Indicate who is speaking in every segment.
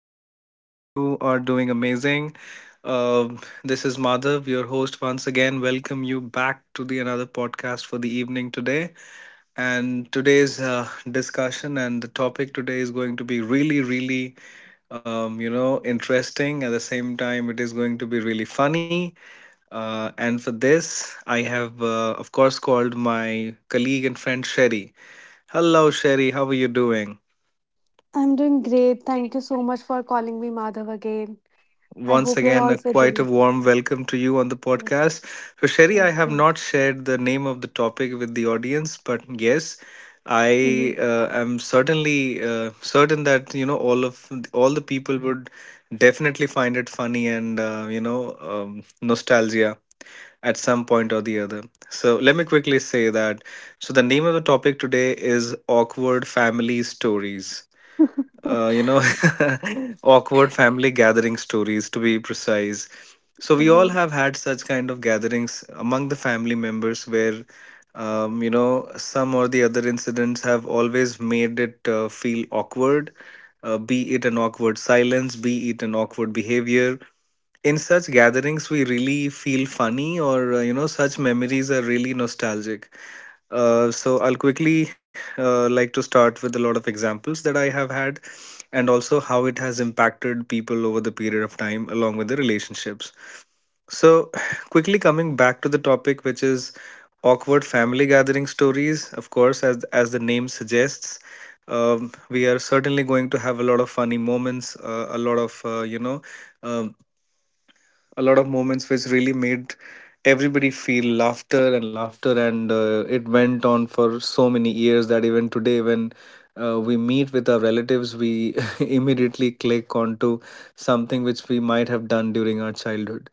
Speaker 1: I hope all of you are doing amazing. Uh, this is Madhav, your host once again. Welcome you back to the another podcast for the evening today. And today's discussion and the topic today is going to be really, really, interesting. At the same time, it is going to be really funny. And for this, I have, of course, called my colleague and friend Sherry. Hello, Sherry. How are you doing?
Speaker 2: I'm doing great. Thank you so much for calling me Madhav again. I hope
Speaker 1: Once
Speaker 2: you're
Speaker 1: again, a
Speaker 2: also doing
Speaker 1: quite
Speaker 2: it.
Speaker 1: a warm welcome to you on the
Speaker 2: Yes.
Speaker 1: podcast. So, Sherry,
Speaker 2: Thank
Speaker 1: I have
Speaker 2: you.
Speaker 1: not shared the name of the topic with the audience, but yes,
Speaker 2: Mm-hmm.
Speaker 1: I am certain that you know all the people would definitely find it funny and nostalgia at some point or the other. So, let me quickly say that. So, the name of the topic today is awkward family stories uh, you know, awkward family gathering stories to be precise. So we
Speaker 2: Uh-huh.
Speaker 1: all have had such kind of gatherings among the family members where, some or the other incidents have always made it feel awkward, be it an awkward silence, be it an awkward behavior. In such gatherings, we really feel funny, or such memories are really nostalgic. So I'll quickly like to start with a lot of examples that I have had and also how it has impacted people over the period of time along with the relationships. So, quickly coming back to the topic, which is awkward family gathering stories, of course, as the name suggests. We are certainly going to have a lot of funny moments, a lot of, um, a lot of moments which really made everybody feel laughter and laughter and it went on for so many years that even today when we meet with our relatives we immediately click onto something which we might have done during our childhood,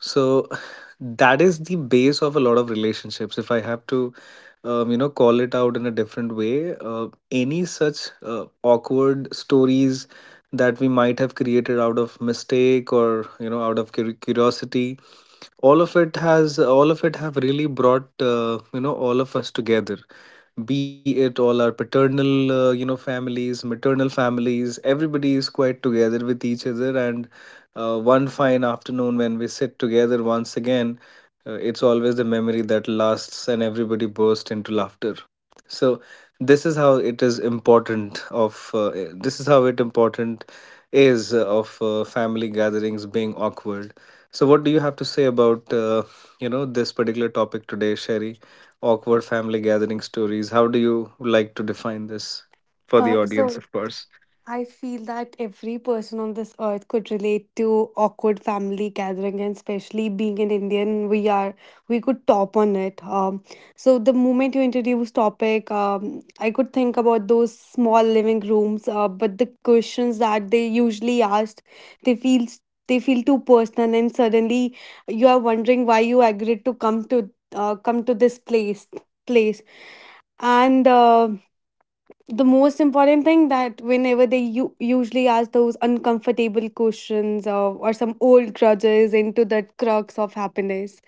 Speaker 1: so that is the base of a lot of relationships. If I have to, call it out in a different way, any such awkward stories that we might have created out of mistake or you know out of curiosity, all of it have really brought all of us together, be it all our paternal families, maternal families, everybody is quite together with each other. And one fine afternoon when we sit together once again, it's always the memory that lasts and everybody bursts into laughter. So this is how it important is of family gatherings being awkward. So, what do you have to say about this particular topic today, Sherry? Awkward family gathering stories. How do you like to define this for the
Speaker 2: Uh,
Speaker 1: audience,
Speaker 2: so
Speaker 1: of course?
Speaker 2: I feel that every person on this earth could relate to awkward family gathering, and especially being an Indian, we could top on it. So the moment you introduce topic, I could think about those small living rooms, but the questions that they usually asked, they feel they feel too personal, and suddenly you are wondering why you agreed to come to this place, and the most important thing that whenever they usually ask those uncomfortable questions, or some old grudges into that crux of happiness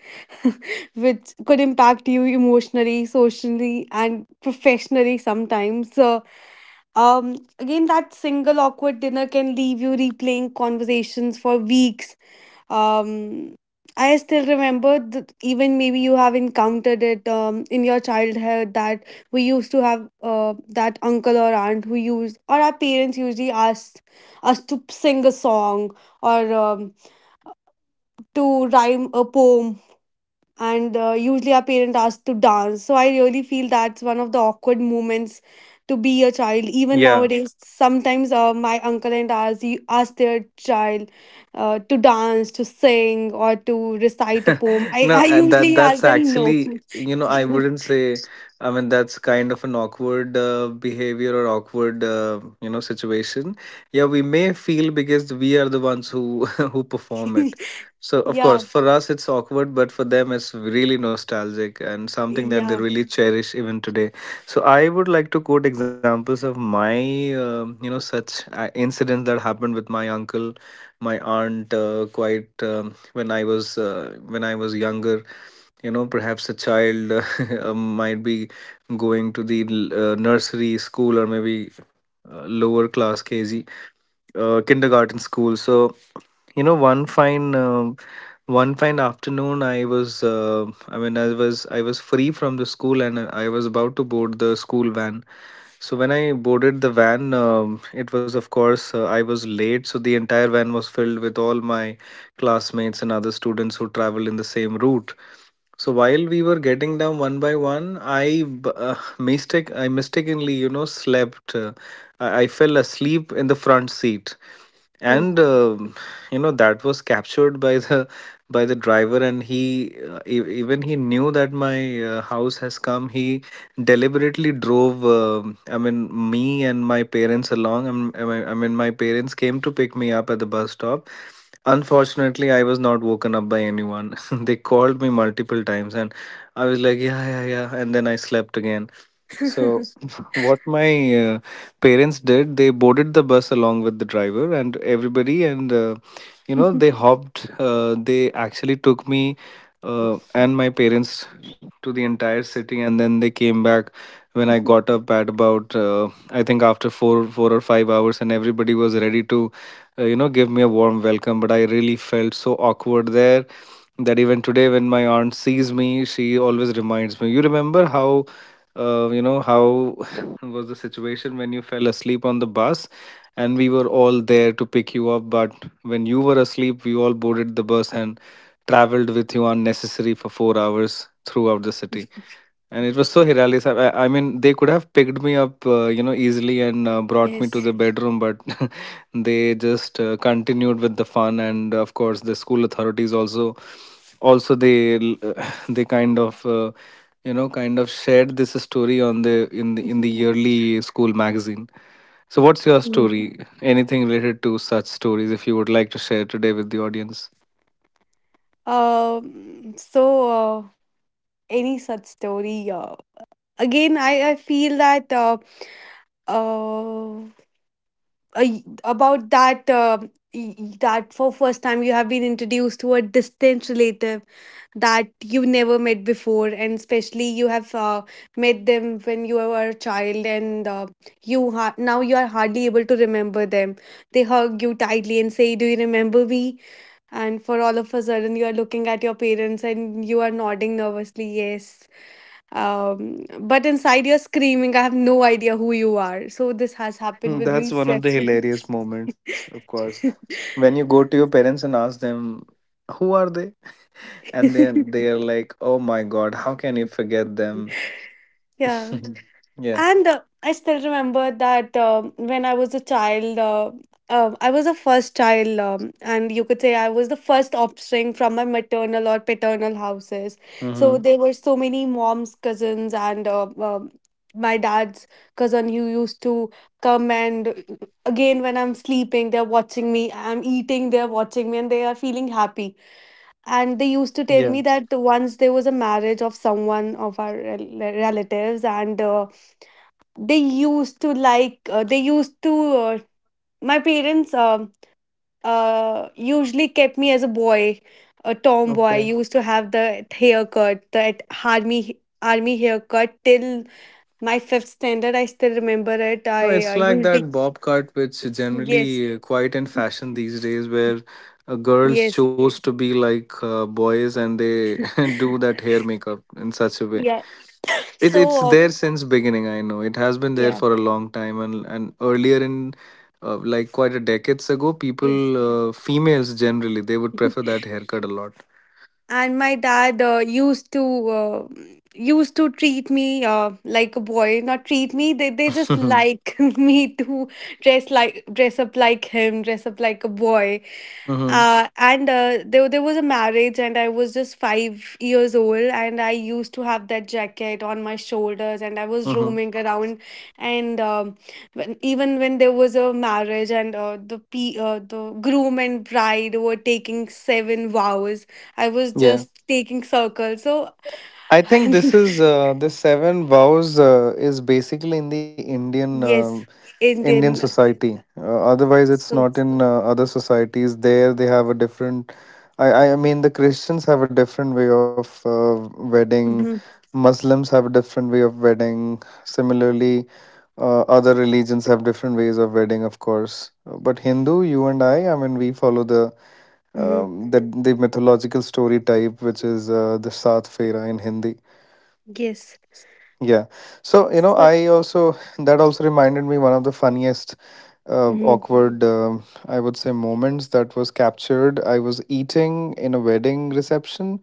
Speaker 2: which could impact you emotionally, socially, and professionally sometimes. So again, that single awkward dinner can leave you replaying conversations for weeks. um, I still remember that, even maybe you have encountered it in your childhood, that we used to have that uncle or aunt who used, or our parents usually asked us to sing a song or to rhyme a poem, and usually our parent asks to dance. So I really feel that's one of the awkward moments to be a child. Even
Speaker 1: Yeah.
Speaker 2: nowadays sometimes my uncle and ours, he ask their child to dance, to sing, or to recite a poem. i,
Speaker 1: No,
Speaker 2: I
Speaker 1: that
Speaker 2: usually ask
Speaker 1: that's
Speaker 2: them no.
Speaker 1: actually, you know, I
Speaker 2: Yeah,
Speaker 1: wouldn't say, I mean, that's kind of an awkward behavior or awkward situation yeah we may feel because we are the ones who who perform it. So of
Speaker 2: yeah,
Speaker 1: course for us it's awkward, but for them it's really nostalgic and something that they
Speaker 2: yeah.
Speaker 1: really cherish even today. So I would like to quote examples of my such incidents that happened with my uncle, my aunt, quite when I was younger, you know, perhaps a child, might be going to the nursery school or maybe lower class kg, kindergarten school. So you know one fine afternoon I was free from the school and I was about to board the school van. So when I boarded the van, it was of course I was late, so the entire van was filled with all my classmates and other students who traveled in the same route. So while we were getting down one by one, I mistakenly, you know, slept. I fell asleep in the front seat,
Speaker 2: Oh.
Speaker 1: and you know that was captured by the driver, and he e- even he knew that my house has come. He deliberately drove me and my parents along. My parents came to pick me up at the bus stop. Unfortunately I was not woken up by anyone, they called me multiple times and I was like yeah yeah yeah and then I slept again. So, what my parents did, they boarded the bus along with the driver and everybody, and they hopped. They actually took me and my parents to the entire city, and then they came back when I got up at about, I think, after four, 4 or 5 hours, and everybody was ready to, give me a warm welcome. But I really felt so awkward there that even today, when my aunt sees me, she always reminds me, "You remember how?" You know how was the situation when you fell asleep on the bus and we were all there to pick you up, but when you were asleep we all boarded the bus and traveled with you unnecessary for 4 hours throughout the city. And it was so hilarious. I mean they could have picked me up, easily and brought me to
Speaker 2: Yes.
Speaker 1: the bedroom, but they just continued with the fun. And of course the school authorities also, also they l- they kind of kind of shared this story on the in the in the yearly school magazine. So what's your
Speaker 2: Mm.
Speaker 1: story, anything related to such stories, if you would like to share today with the audience?
Speaker 2: Um, so, uh, any such story, again, I feel that Uh, about that, that for first time you have been introduced to a distant relative that you never met before, and especially you have met them when you were a child, and now you are hardly able to remember them. They hug you tightly and say, do you remember me? And for all of a sudden you are looking at your parents and you are nodding nervously yes. But inside you're screaming, I have no idea who you are. So this has happened
Speaker 1: Hmm,
Speaker 2: with me
Speaker 1: that's one of the
Speaker 2: several.
Speaker 1: hilarious moments, of course, when you go to your parents and ask them who are they and then they are like, oh my god, how can you forget them.
Speaker 2: Yeah.
Speaker 1: Yeah.
Speaker 2: And I still remember that, when I was a child, I was a first child, and you could say I was the first offspring from my maternal or paternal houses. So
Speaker 1: Mm-hmm.
Speaker 2: there were so many mom's cousins and my dad's cousin who used to come, and again, when I'm sleeping, they're watching me. I'm eating, they're watching me, and they are feeling happy. And they used to
Speaker 1: Yeah.
Speaker 2: tell me that once there was a marriage of someone of our relatives, and they used to like they used to my parents usually kept me as a boy, a tomboy,
Speaker 1: Okay.
Speaker 2: used to have the haircut, that army haircut till my fifth standard. I still remember it.
Speaker 1: No,
Speaker 2: I
Speaker 1: it's like
Speaker 2: usually.
Speaker 1: that bob cut, which is
Speaker 2: Yes.
Speaker 1: generally quite in fashion these days, where girls
Speaker 2: Yes.
Speaker 1: chose to be like boys and they do that hair makeup in such a way.
Speaker 2: Yeah.
Speaker 1: It, it's
Speaker 2: So
Speaker 1: there since beginning, I know. It has been there
Speaker 2: yeah.
Speaker 1: for a long time, and earlier in like quite a decades ago, people,
Speaker 2: Yes.
Speaker 1: females generally, they would prefer that haircut a lot.
Speaker 2: And my dad uh, used to treat me like a boy. Not treat me, they just
Speaker 1: Hmm.
Speaker 2: like me to dress up like him, dress up like a boy.
Speaker 1: Hmm.
Speaker 2: There was a marriage and I was just 5 years old and I used to have that jacket on my shoulders and I was roaming around. And When, even when there was a marriage and the groom and bride were taking seven vows, I was
Speaker 1: Hmm.
Speaker 2: just taking circles. So.
Speaker 1: I think this is the seven vows is basically in the
Speaker 2: Yes.
Speaker 1: Indian
Speaker 2: Indian.
Speaker 1: society. Otherwise, it's
Speaker 2: So.
Speaker 1: not in other societies. There, they have a different. I mean, the Christians have a different way of wedding.
Speaker 2: Hmm.
Speaker 1: Muslims have a different way of wedding. Similarly, other religions have different ways of wedding, of course. But Hindu, you and I mean, we follow the
Speaker 2: Hmm.
Speaker 1: the the mythological story type, which is the Saath Fera in Hindi.
Speaker 2: Yes.
Speaker 1: Yeah. So you know,
Speaker 2: So.
Speaker 1: I also that also reminded me one of the funniest,
Speaker 2: Hmm.
Speaker 1: awkward, I would say, moments that was captured. I was eating in a wedding reception,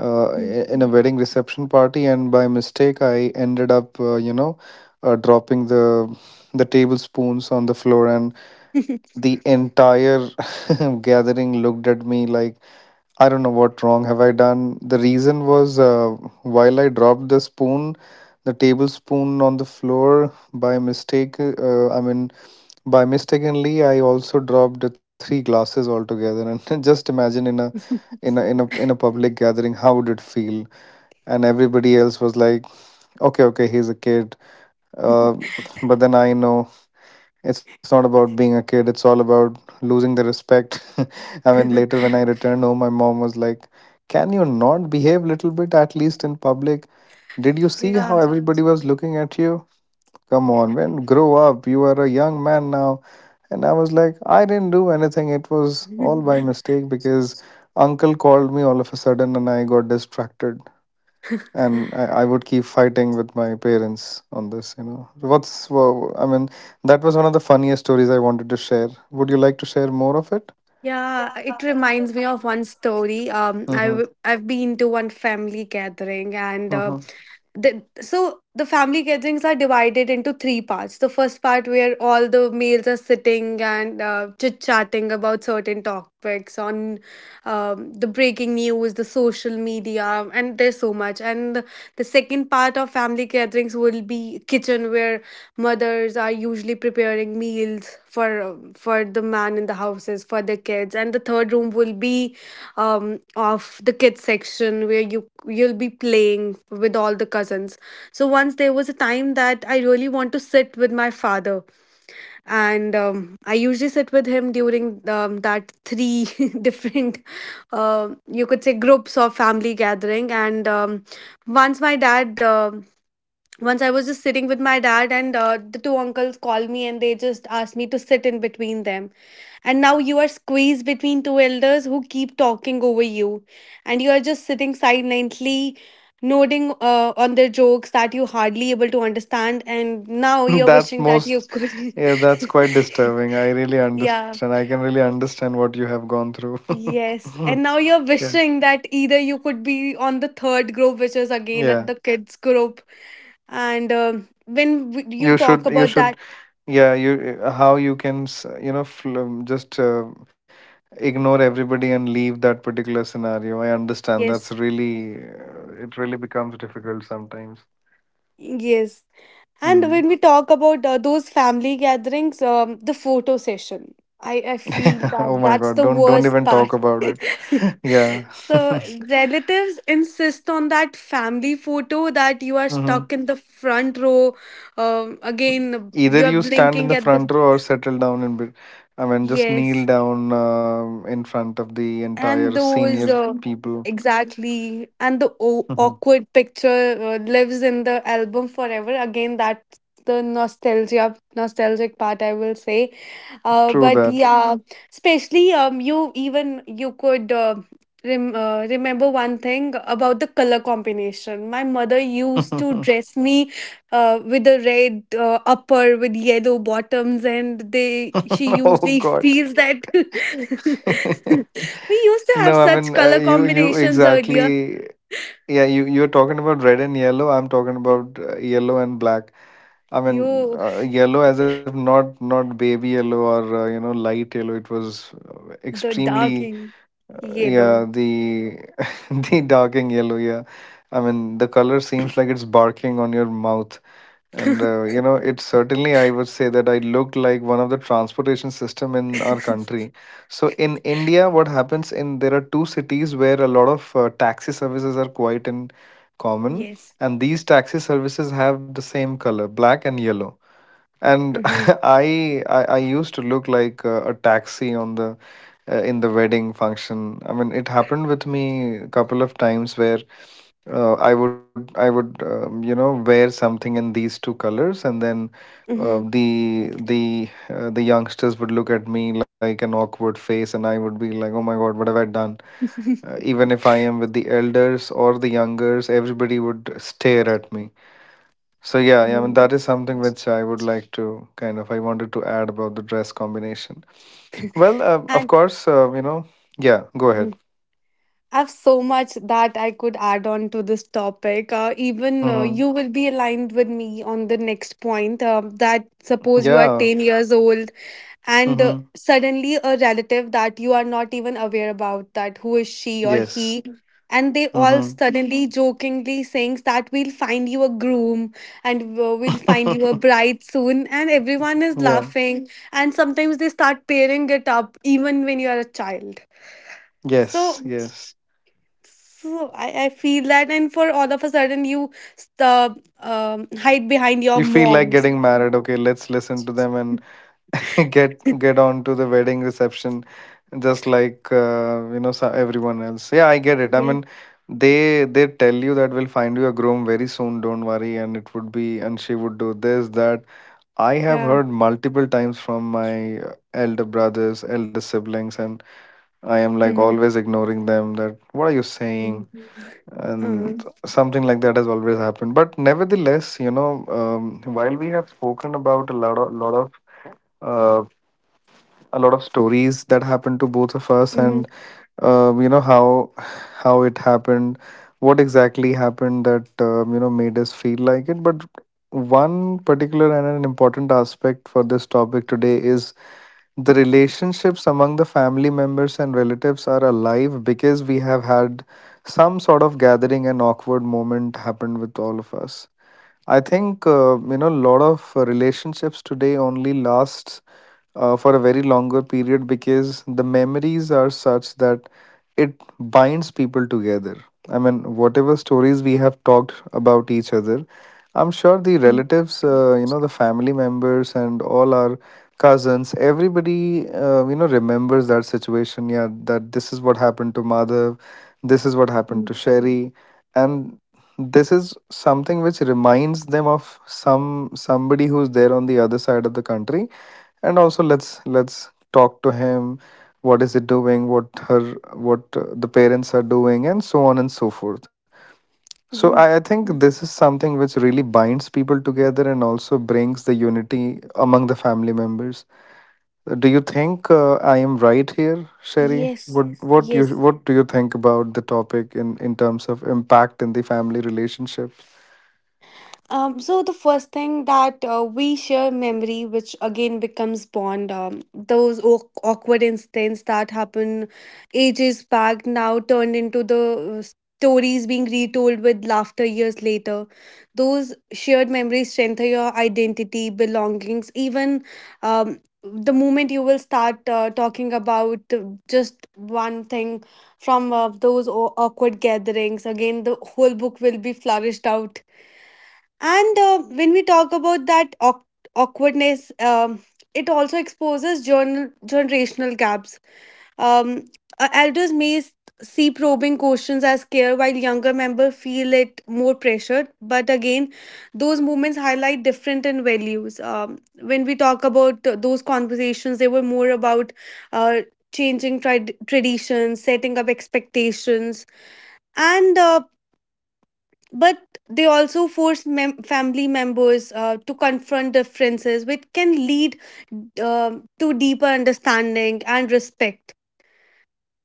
Speaker 1: uh, in a wedding reception party, and by mistake, I ended up, dropping the tablespoons on the floor, and the entire gathering looked at me like, I don't know what wrong have I done. The reason was while I dropped the spoon, the tablespoon on the floor by mistake. I mean. By mistakenly, I also dropped three glasses altogether, and just imagine in a in a public gathering, how would it feel? And everybody else was like, "Okay, okay, he's a kid." Uh, but then I know it's not about being a kid; it's all about losing the respect. I mean, later when I returned home, my mom was like, "Can you not behave little bit at least in public? Did you see how
Speaker 2: Yeah.
Speaker 1: everybody was looking at you?" Come on, man, grow up. You are a young man now. And I was like, I didn't do anything. It was all by mistake because uncle called me all of a sudden and I got distracted. And I would keep fighting with my parents on this, you know. I mean, that was one of the funniest stories I wanted to share. Would you like to share more of it?
Speaker 2: Yeah, it reminds me of one story.
Speaker 1: Mm-hmm.
Speaker 2: I've been to one family gathering, and
Speaker 1: Mm-hmm.
Speaker 2: the, so the family gatherings are divided into three parts. The first part, where all the males are sitting and chit chatting about certain topics on the breaking news, the social media, and there's so much. And the second part of family gatherings will be kitchen, where mothers are usually preparing meals for the man in the houses, for the kids. And the third room will be of the kids section, where you you'll be playing with all the cousins. So once there was a time that I really want to sit with my father, and I usually sit with him during that three different, you could say, groups of family gathering. And once my dad. Once I was just sitting with my dad, and the two uncles called me and they just asked me to sit in between them. And now you are squeezed between two elders who keep talking over you, and you are just sitting silently, nodding on their jokes that you hardly able to understand. And now you're wishing that
Speaker 1: That's
Speaker 2: you
Speaker 1: most,
Speaker 2: could.
Speaker 1: yeah, that's quite disturbing. I really
Speaker 2: Yeah.
Speaker 1: understand. I can really understand what you have gone through.
Speaker 2: Yes. And now you're
Speaker 1: Yeah.
Speaker 2: wishing that either you could be on the third group, which is again at the
Speaker 1: Yeah.
Speaker 2: kids group. You
Speaker 1: you
Speaker 2: talk
Speaker 1: should you
Speaker 2: about that.
Speaker 1: should yeah, you how you can s- you know fl- just ignore everybody and leave that particular scenario. I understand that's
Speaker 2: Yes,
Speaker 1: really it really becomes difficult sometimes.
Speaker 2: yes. And when
Speaker 1: mm.
Speaker 2: we talk about those family gatherings, the photo session, I feel that
Speaker 1: Oh my
Speaker 2: that's the
Speaker 1: god, don't
Speaker 2: worst
Speaker 1: even
Speaker 2: part.
Speaker 1: talk about it. Yeah.
Speaker 2: So relatives insist on that family photo that you are
Speaker 1: Hmm.
Speaker 2: stuck in the front row. Again,
Speaker 1: Either
Speaker 2: you are
Speaker 1: you stand in
Speaker 2: blinking
Speaker 1: the
Speaker 2: at the.
Speaker 1: front row or settle down in bit, I mean just kneel
Speaker 2: Yes.
Speaker 1: down in front of the
Speaker 2: And
Speaker 1: entire
Speaker 2: those
Speaker 1: senior people.
Speaker 2: exactly. And the
Speaker 1: Mhm.
Speaker 2: awkward picture lives in the album forever. Again, that's the nostalgia nostalgic part, I will say.
Speaker 1: True
Speaker 2: But
Speaker 1: that.
Speaker 2: yeah, especially you, even you could remember one thing about the color combination. My mother used to dress me with a red upper with yellow bottoms, and they she
Speaker 1: Oh
Speaker 2: usually
Speaker 1: god.
Speaker 2: feels that. We used to have
Speaker 1: No, I
Speaker 2: such
Speaker 1: mean,
Speaker 2: color
Speaker 1: you
Speaker 2: combinations earlier.
Speaker 1: exactly. Yeah, you're talking about red and yellow. I'm talking about yellow and black. I mean,
Speaker 2: You,
Speaker 1: yellow as if not baby yellow or you know, light yellow. It was
Speaker 2: the dark
Speaker 1: extremely,
Speaker 2: yellow.
Speaker 1: yeah, the the darking yellow. Yeah, I mean the color seems like it's barking on your mouth. And you know, it certainly, I would say that I look like one of the transportation system in our country. So in India, what happens in, there are two cities where a lot of taxi services are quite in common,
Speaker 2: Yes.
Speaker 1: and these taxi services have the same color, black and yellow. And
Speaker 2: Hmm.
Speaker 1: I used to look like a taxi on the in the wedding function. I mean, it happened with me a couple of times where I would wear something in these two colors, and then
Speaker 2: Hmm.
Speaker 1: the youngsters would look at me like an awkward face, and I would be like, oh my god, what have I done? Even if I am with the elders or the youngers, everybody would stare at me. So yeah, yeah, I mean
Speaker 2: Hmm.
Speaker 1: that is something which I would like to kind of, I wanted to add about the dress combination. Well, of
Speaker 2: And.
Speaker 1: course, you know, yeah. Go
Speaker 2: Mhm.
Speaker 1: ahead.
Speaker 2: I have so much that I could add on to this topic. Even You
Speaker 1: Mm-hmm.
Speaker 2: will be aligned with me on the next point, that suppose you are
Speaker 1: Yeah.
Speaker 2: 10 years old, and
Speaker 1: Mm-hmm.
Speaker 2: suddenly a relative that you are not even aware about, that who is she or he,
Speaker 1: Yes.
Speaker 2: and they all
Speaker 1: Mm-hmm.
Speaker 2: suddenly jokingly saying that we'll find you a groom, and we'll find you a bride soon, and everyone is
Speaker 1: Yeah.
Speaker 2: laughing, and sometimes they start pairing it up even when you are a child. so
Speaker 1: Yes. Yes.
Speaker 2: so I, I feel that, and for all of a sudden you hide behind your
Speaker 1: You feel like
Speaker 2: moms.
Speaker 1: getting married. Okay, let's listen to them and get get on to the wedding reception just like you know, everyone else. Yeah, I get it. I
Speaker 2: Yeah.
Speaker 1: mean, they tell you that we'll find you a groom very soon, don't worry, and it would be, and she would do this that. I have
Speaker 2: Yeah.
Speaker 1: heard multiple times from my elder brothers, elder siblings, and I am like
Speaker 2: Hmm.
Speaker 1: always ignoring them, that what are you saying?
Speaker 2: Hmm.
Speaker 1: And
Speaker 2: Uh-huh.
Speaker 1: something like that has always happened. But nevertheless, you know, while we have spoken about uh, a lot of stories that happened to both of us,
Speaker 2: Mm-hmm.
Speaker 1: and you know, how it happened, what exactly happened, that you know, made us feel like it. But one particular and an important aspect for this topic today is, the relationships among the family members and relatives are alive because we have had some sort of gathering and awkward moment happened with all of us. I think you know, a lot of relationships today only lasts for a very longer period because the memories are such that it binds people together. I mean, whatever stories we have talked about each other, I'm sure the
Speaker 2: Mm-hmm.
Speaker 1: relatives, you know, the family members and all our cousins, everybody, you know, remembers that situation. Yeah, that this is what happened to Madhav, this is what happened
Speaker 2: Mm.
Speaker 1: to Sherry. And this is something which reminds them of somebody who's there on the other side of the country, and also, let's talk to him, what is it doing, what her, what the parents are doing, and so on and so forth. So I
Speaker 2: Mhm.
Speaker 1: think this is something which really binds people together and also brings the unity among the family members. Do you think I am right here, Sherry?
Speaker 2: Yes,
Speaker 1: what what you
Speaker 2: yes.
Speaker 1: what do you think about the topic in terms of impact in the family relationship?
Speaker 2: The first thing that we share memory, which again becomes bond. Those awkward incidents that happen ages back now turned into the stories being retold with laughter years later. Those shared memories strengthen your identity, belongings. Even the moment you will start talking about just one thing from those awkward gatherings, again, the whole book will be flourished out. And when we talk about that awkwardness, it also exposes generational gaps. Um, Elders may see probing questions as care, while younger members feel it more pressured. But again, those movements highlight different in values. When we talk about those conversations, they were more about uh, changing traditions, setting up expectations, and but they also force family members to confront differences, which can lead to deeper understanding and respect.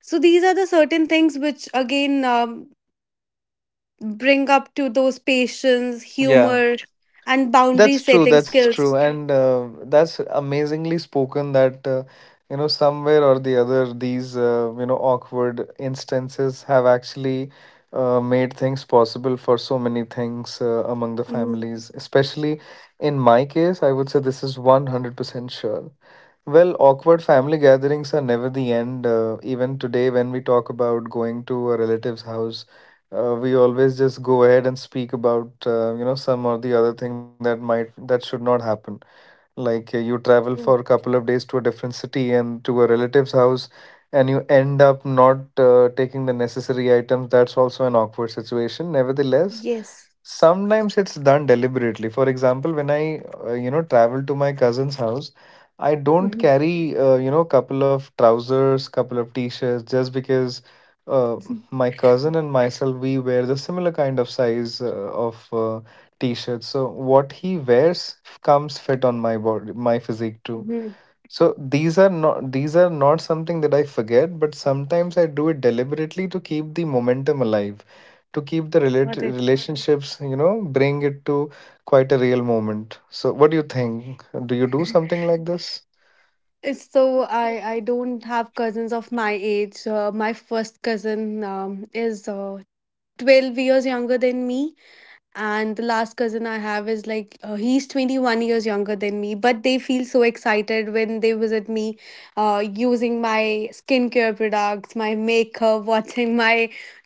Speaker 2: So these are the certain things which again bring up to those patience,
Speaker 1: Yeah,
Speaker 2: humor, and boundary
Speaker 1: that's true.
Speaker 2: setting
Speaker 1: That's true.
Speaker 2: skills.
Speaker 1: And that's amazingly spoken that, you know, somewhere or the other, these, you know, awkward instances have actually made things possible for so many things among the
Speaker 2: Mm.
Speaker 1: families. Especially in my case, I would say this is 100% sure. Well, awkward family gatherings are never the end. Even today, when we talk about going to a relative's house, we always just go ahead and speak about you know, some or the other thing that might that should not happen. Like you travel for a
Speaker 2: True.
Speaker 1: couple of days to a different city and to a relative's house, and you end up not taking the necessary items. That's also an awkward situation. Nevertheless,
Speaker 2: Yes.
Speaker 1: sometimes it's done deliberately. For example, when I you know, travel to my cousin's house, I don't
Speaker 2: Mhm.
Speaker 1: carry you know, couple of trousers, couple of t-shirts, just because uh, my cousin and myself, we wear the similar kind of size of t-shirts. So what he wears comes fit on my body, my physique too.
Speaker 2: Mhm.
Speaker 1: So these are not, these are not something that I forget, but sometimes I do it deliberately to keep the momentum alive, to keep the relate
Speaker 2: Got it.
Speaker 1: relationships, you know, bring it to quite a real moment. So what do you think? Do you do something like this?
Speaker 2: It's so I don't have cousins of my age. My first cousin is 12 years younger than me. And the last cousin I have is like, he's 21 years younger than me, but they feel so excited when they visit me, using my skincare products, my makeup, watching my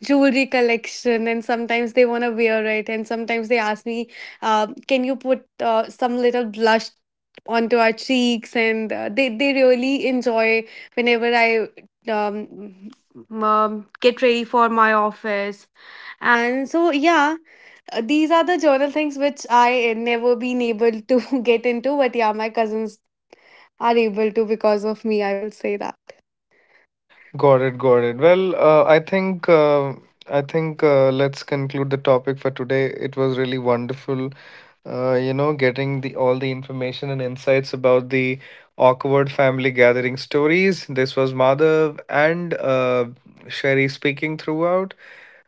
Speaker 2: jewelry collection. And sometimes they want to wear it. And sometimes they ask me, can you put some little blush onto our cheeks? And they really enjoy whenever I um, get ready for my office. And so, yeah, these are the journal things which I never been able to get into, but yeah, my cousins are able to because of me. I will say that.
Speaker 1: Got it, got it. Well, I think let's conclude the topic for today. It was really wonderful, you know, getting the all the information and insights about the awkward family gathering stories. This was Madhav and Sherry speaking throughout.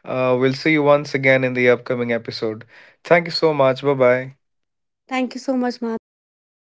Speaker 1: We'll see you once again in the upcoming episode. Thank you so much. Bye bye.
Speaker 2: Thank you so much, Madhav. Bye bye.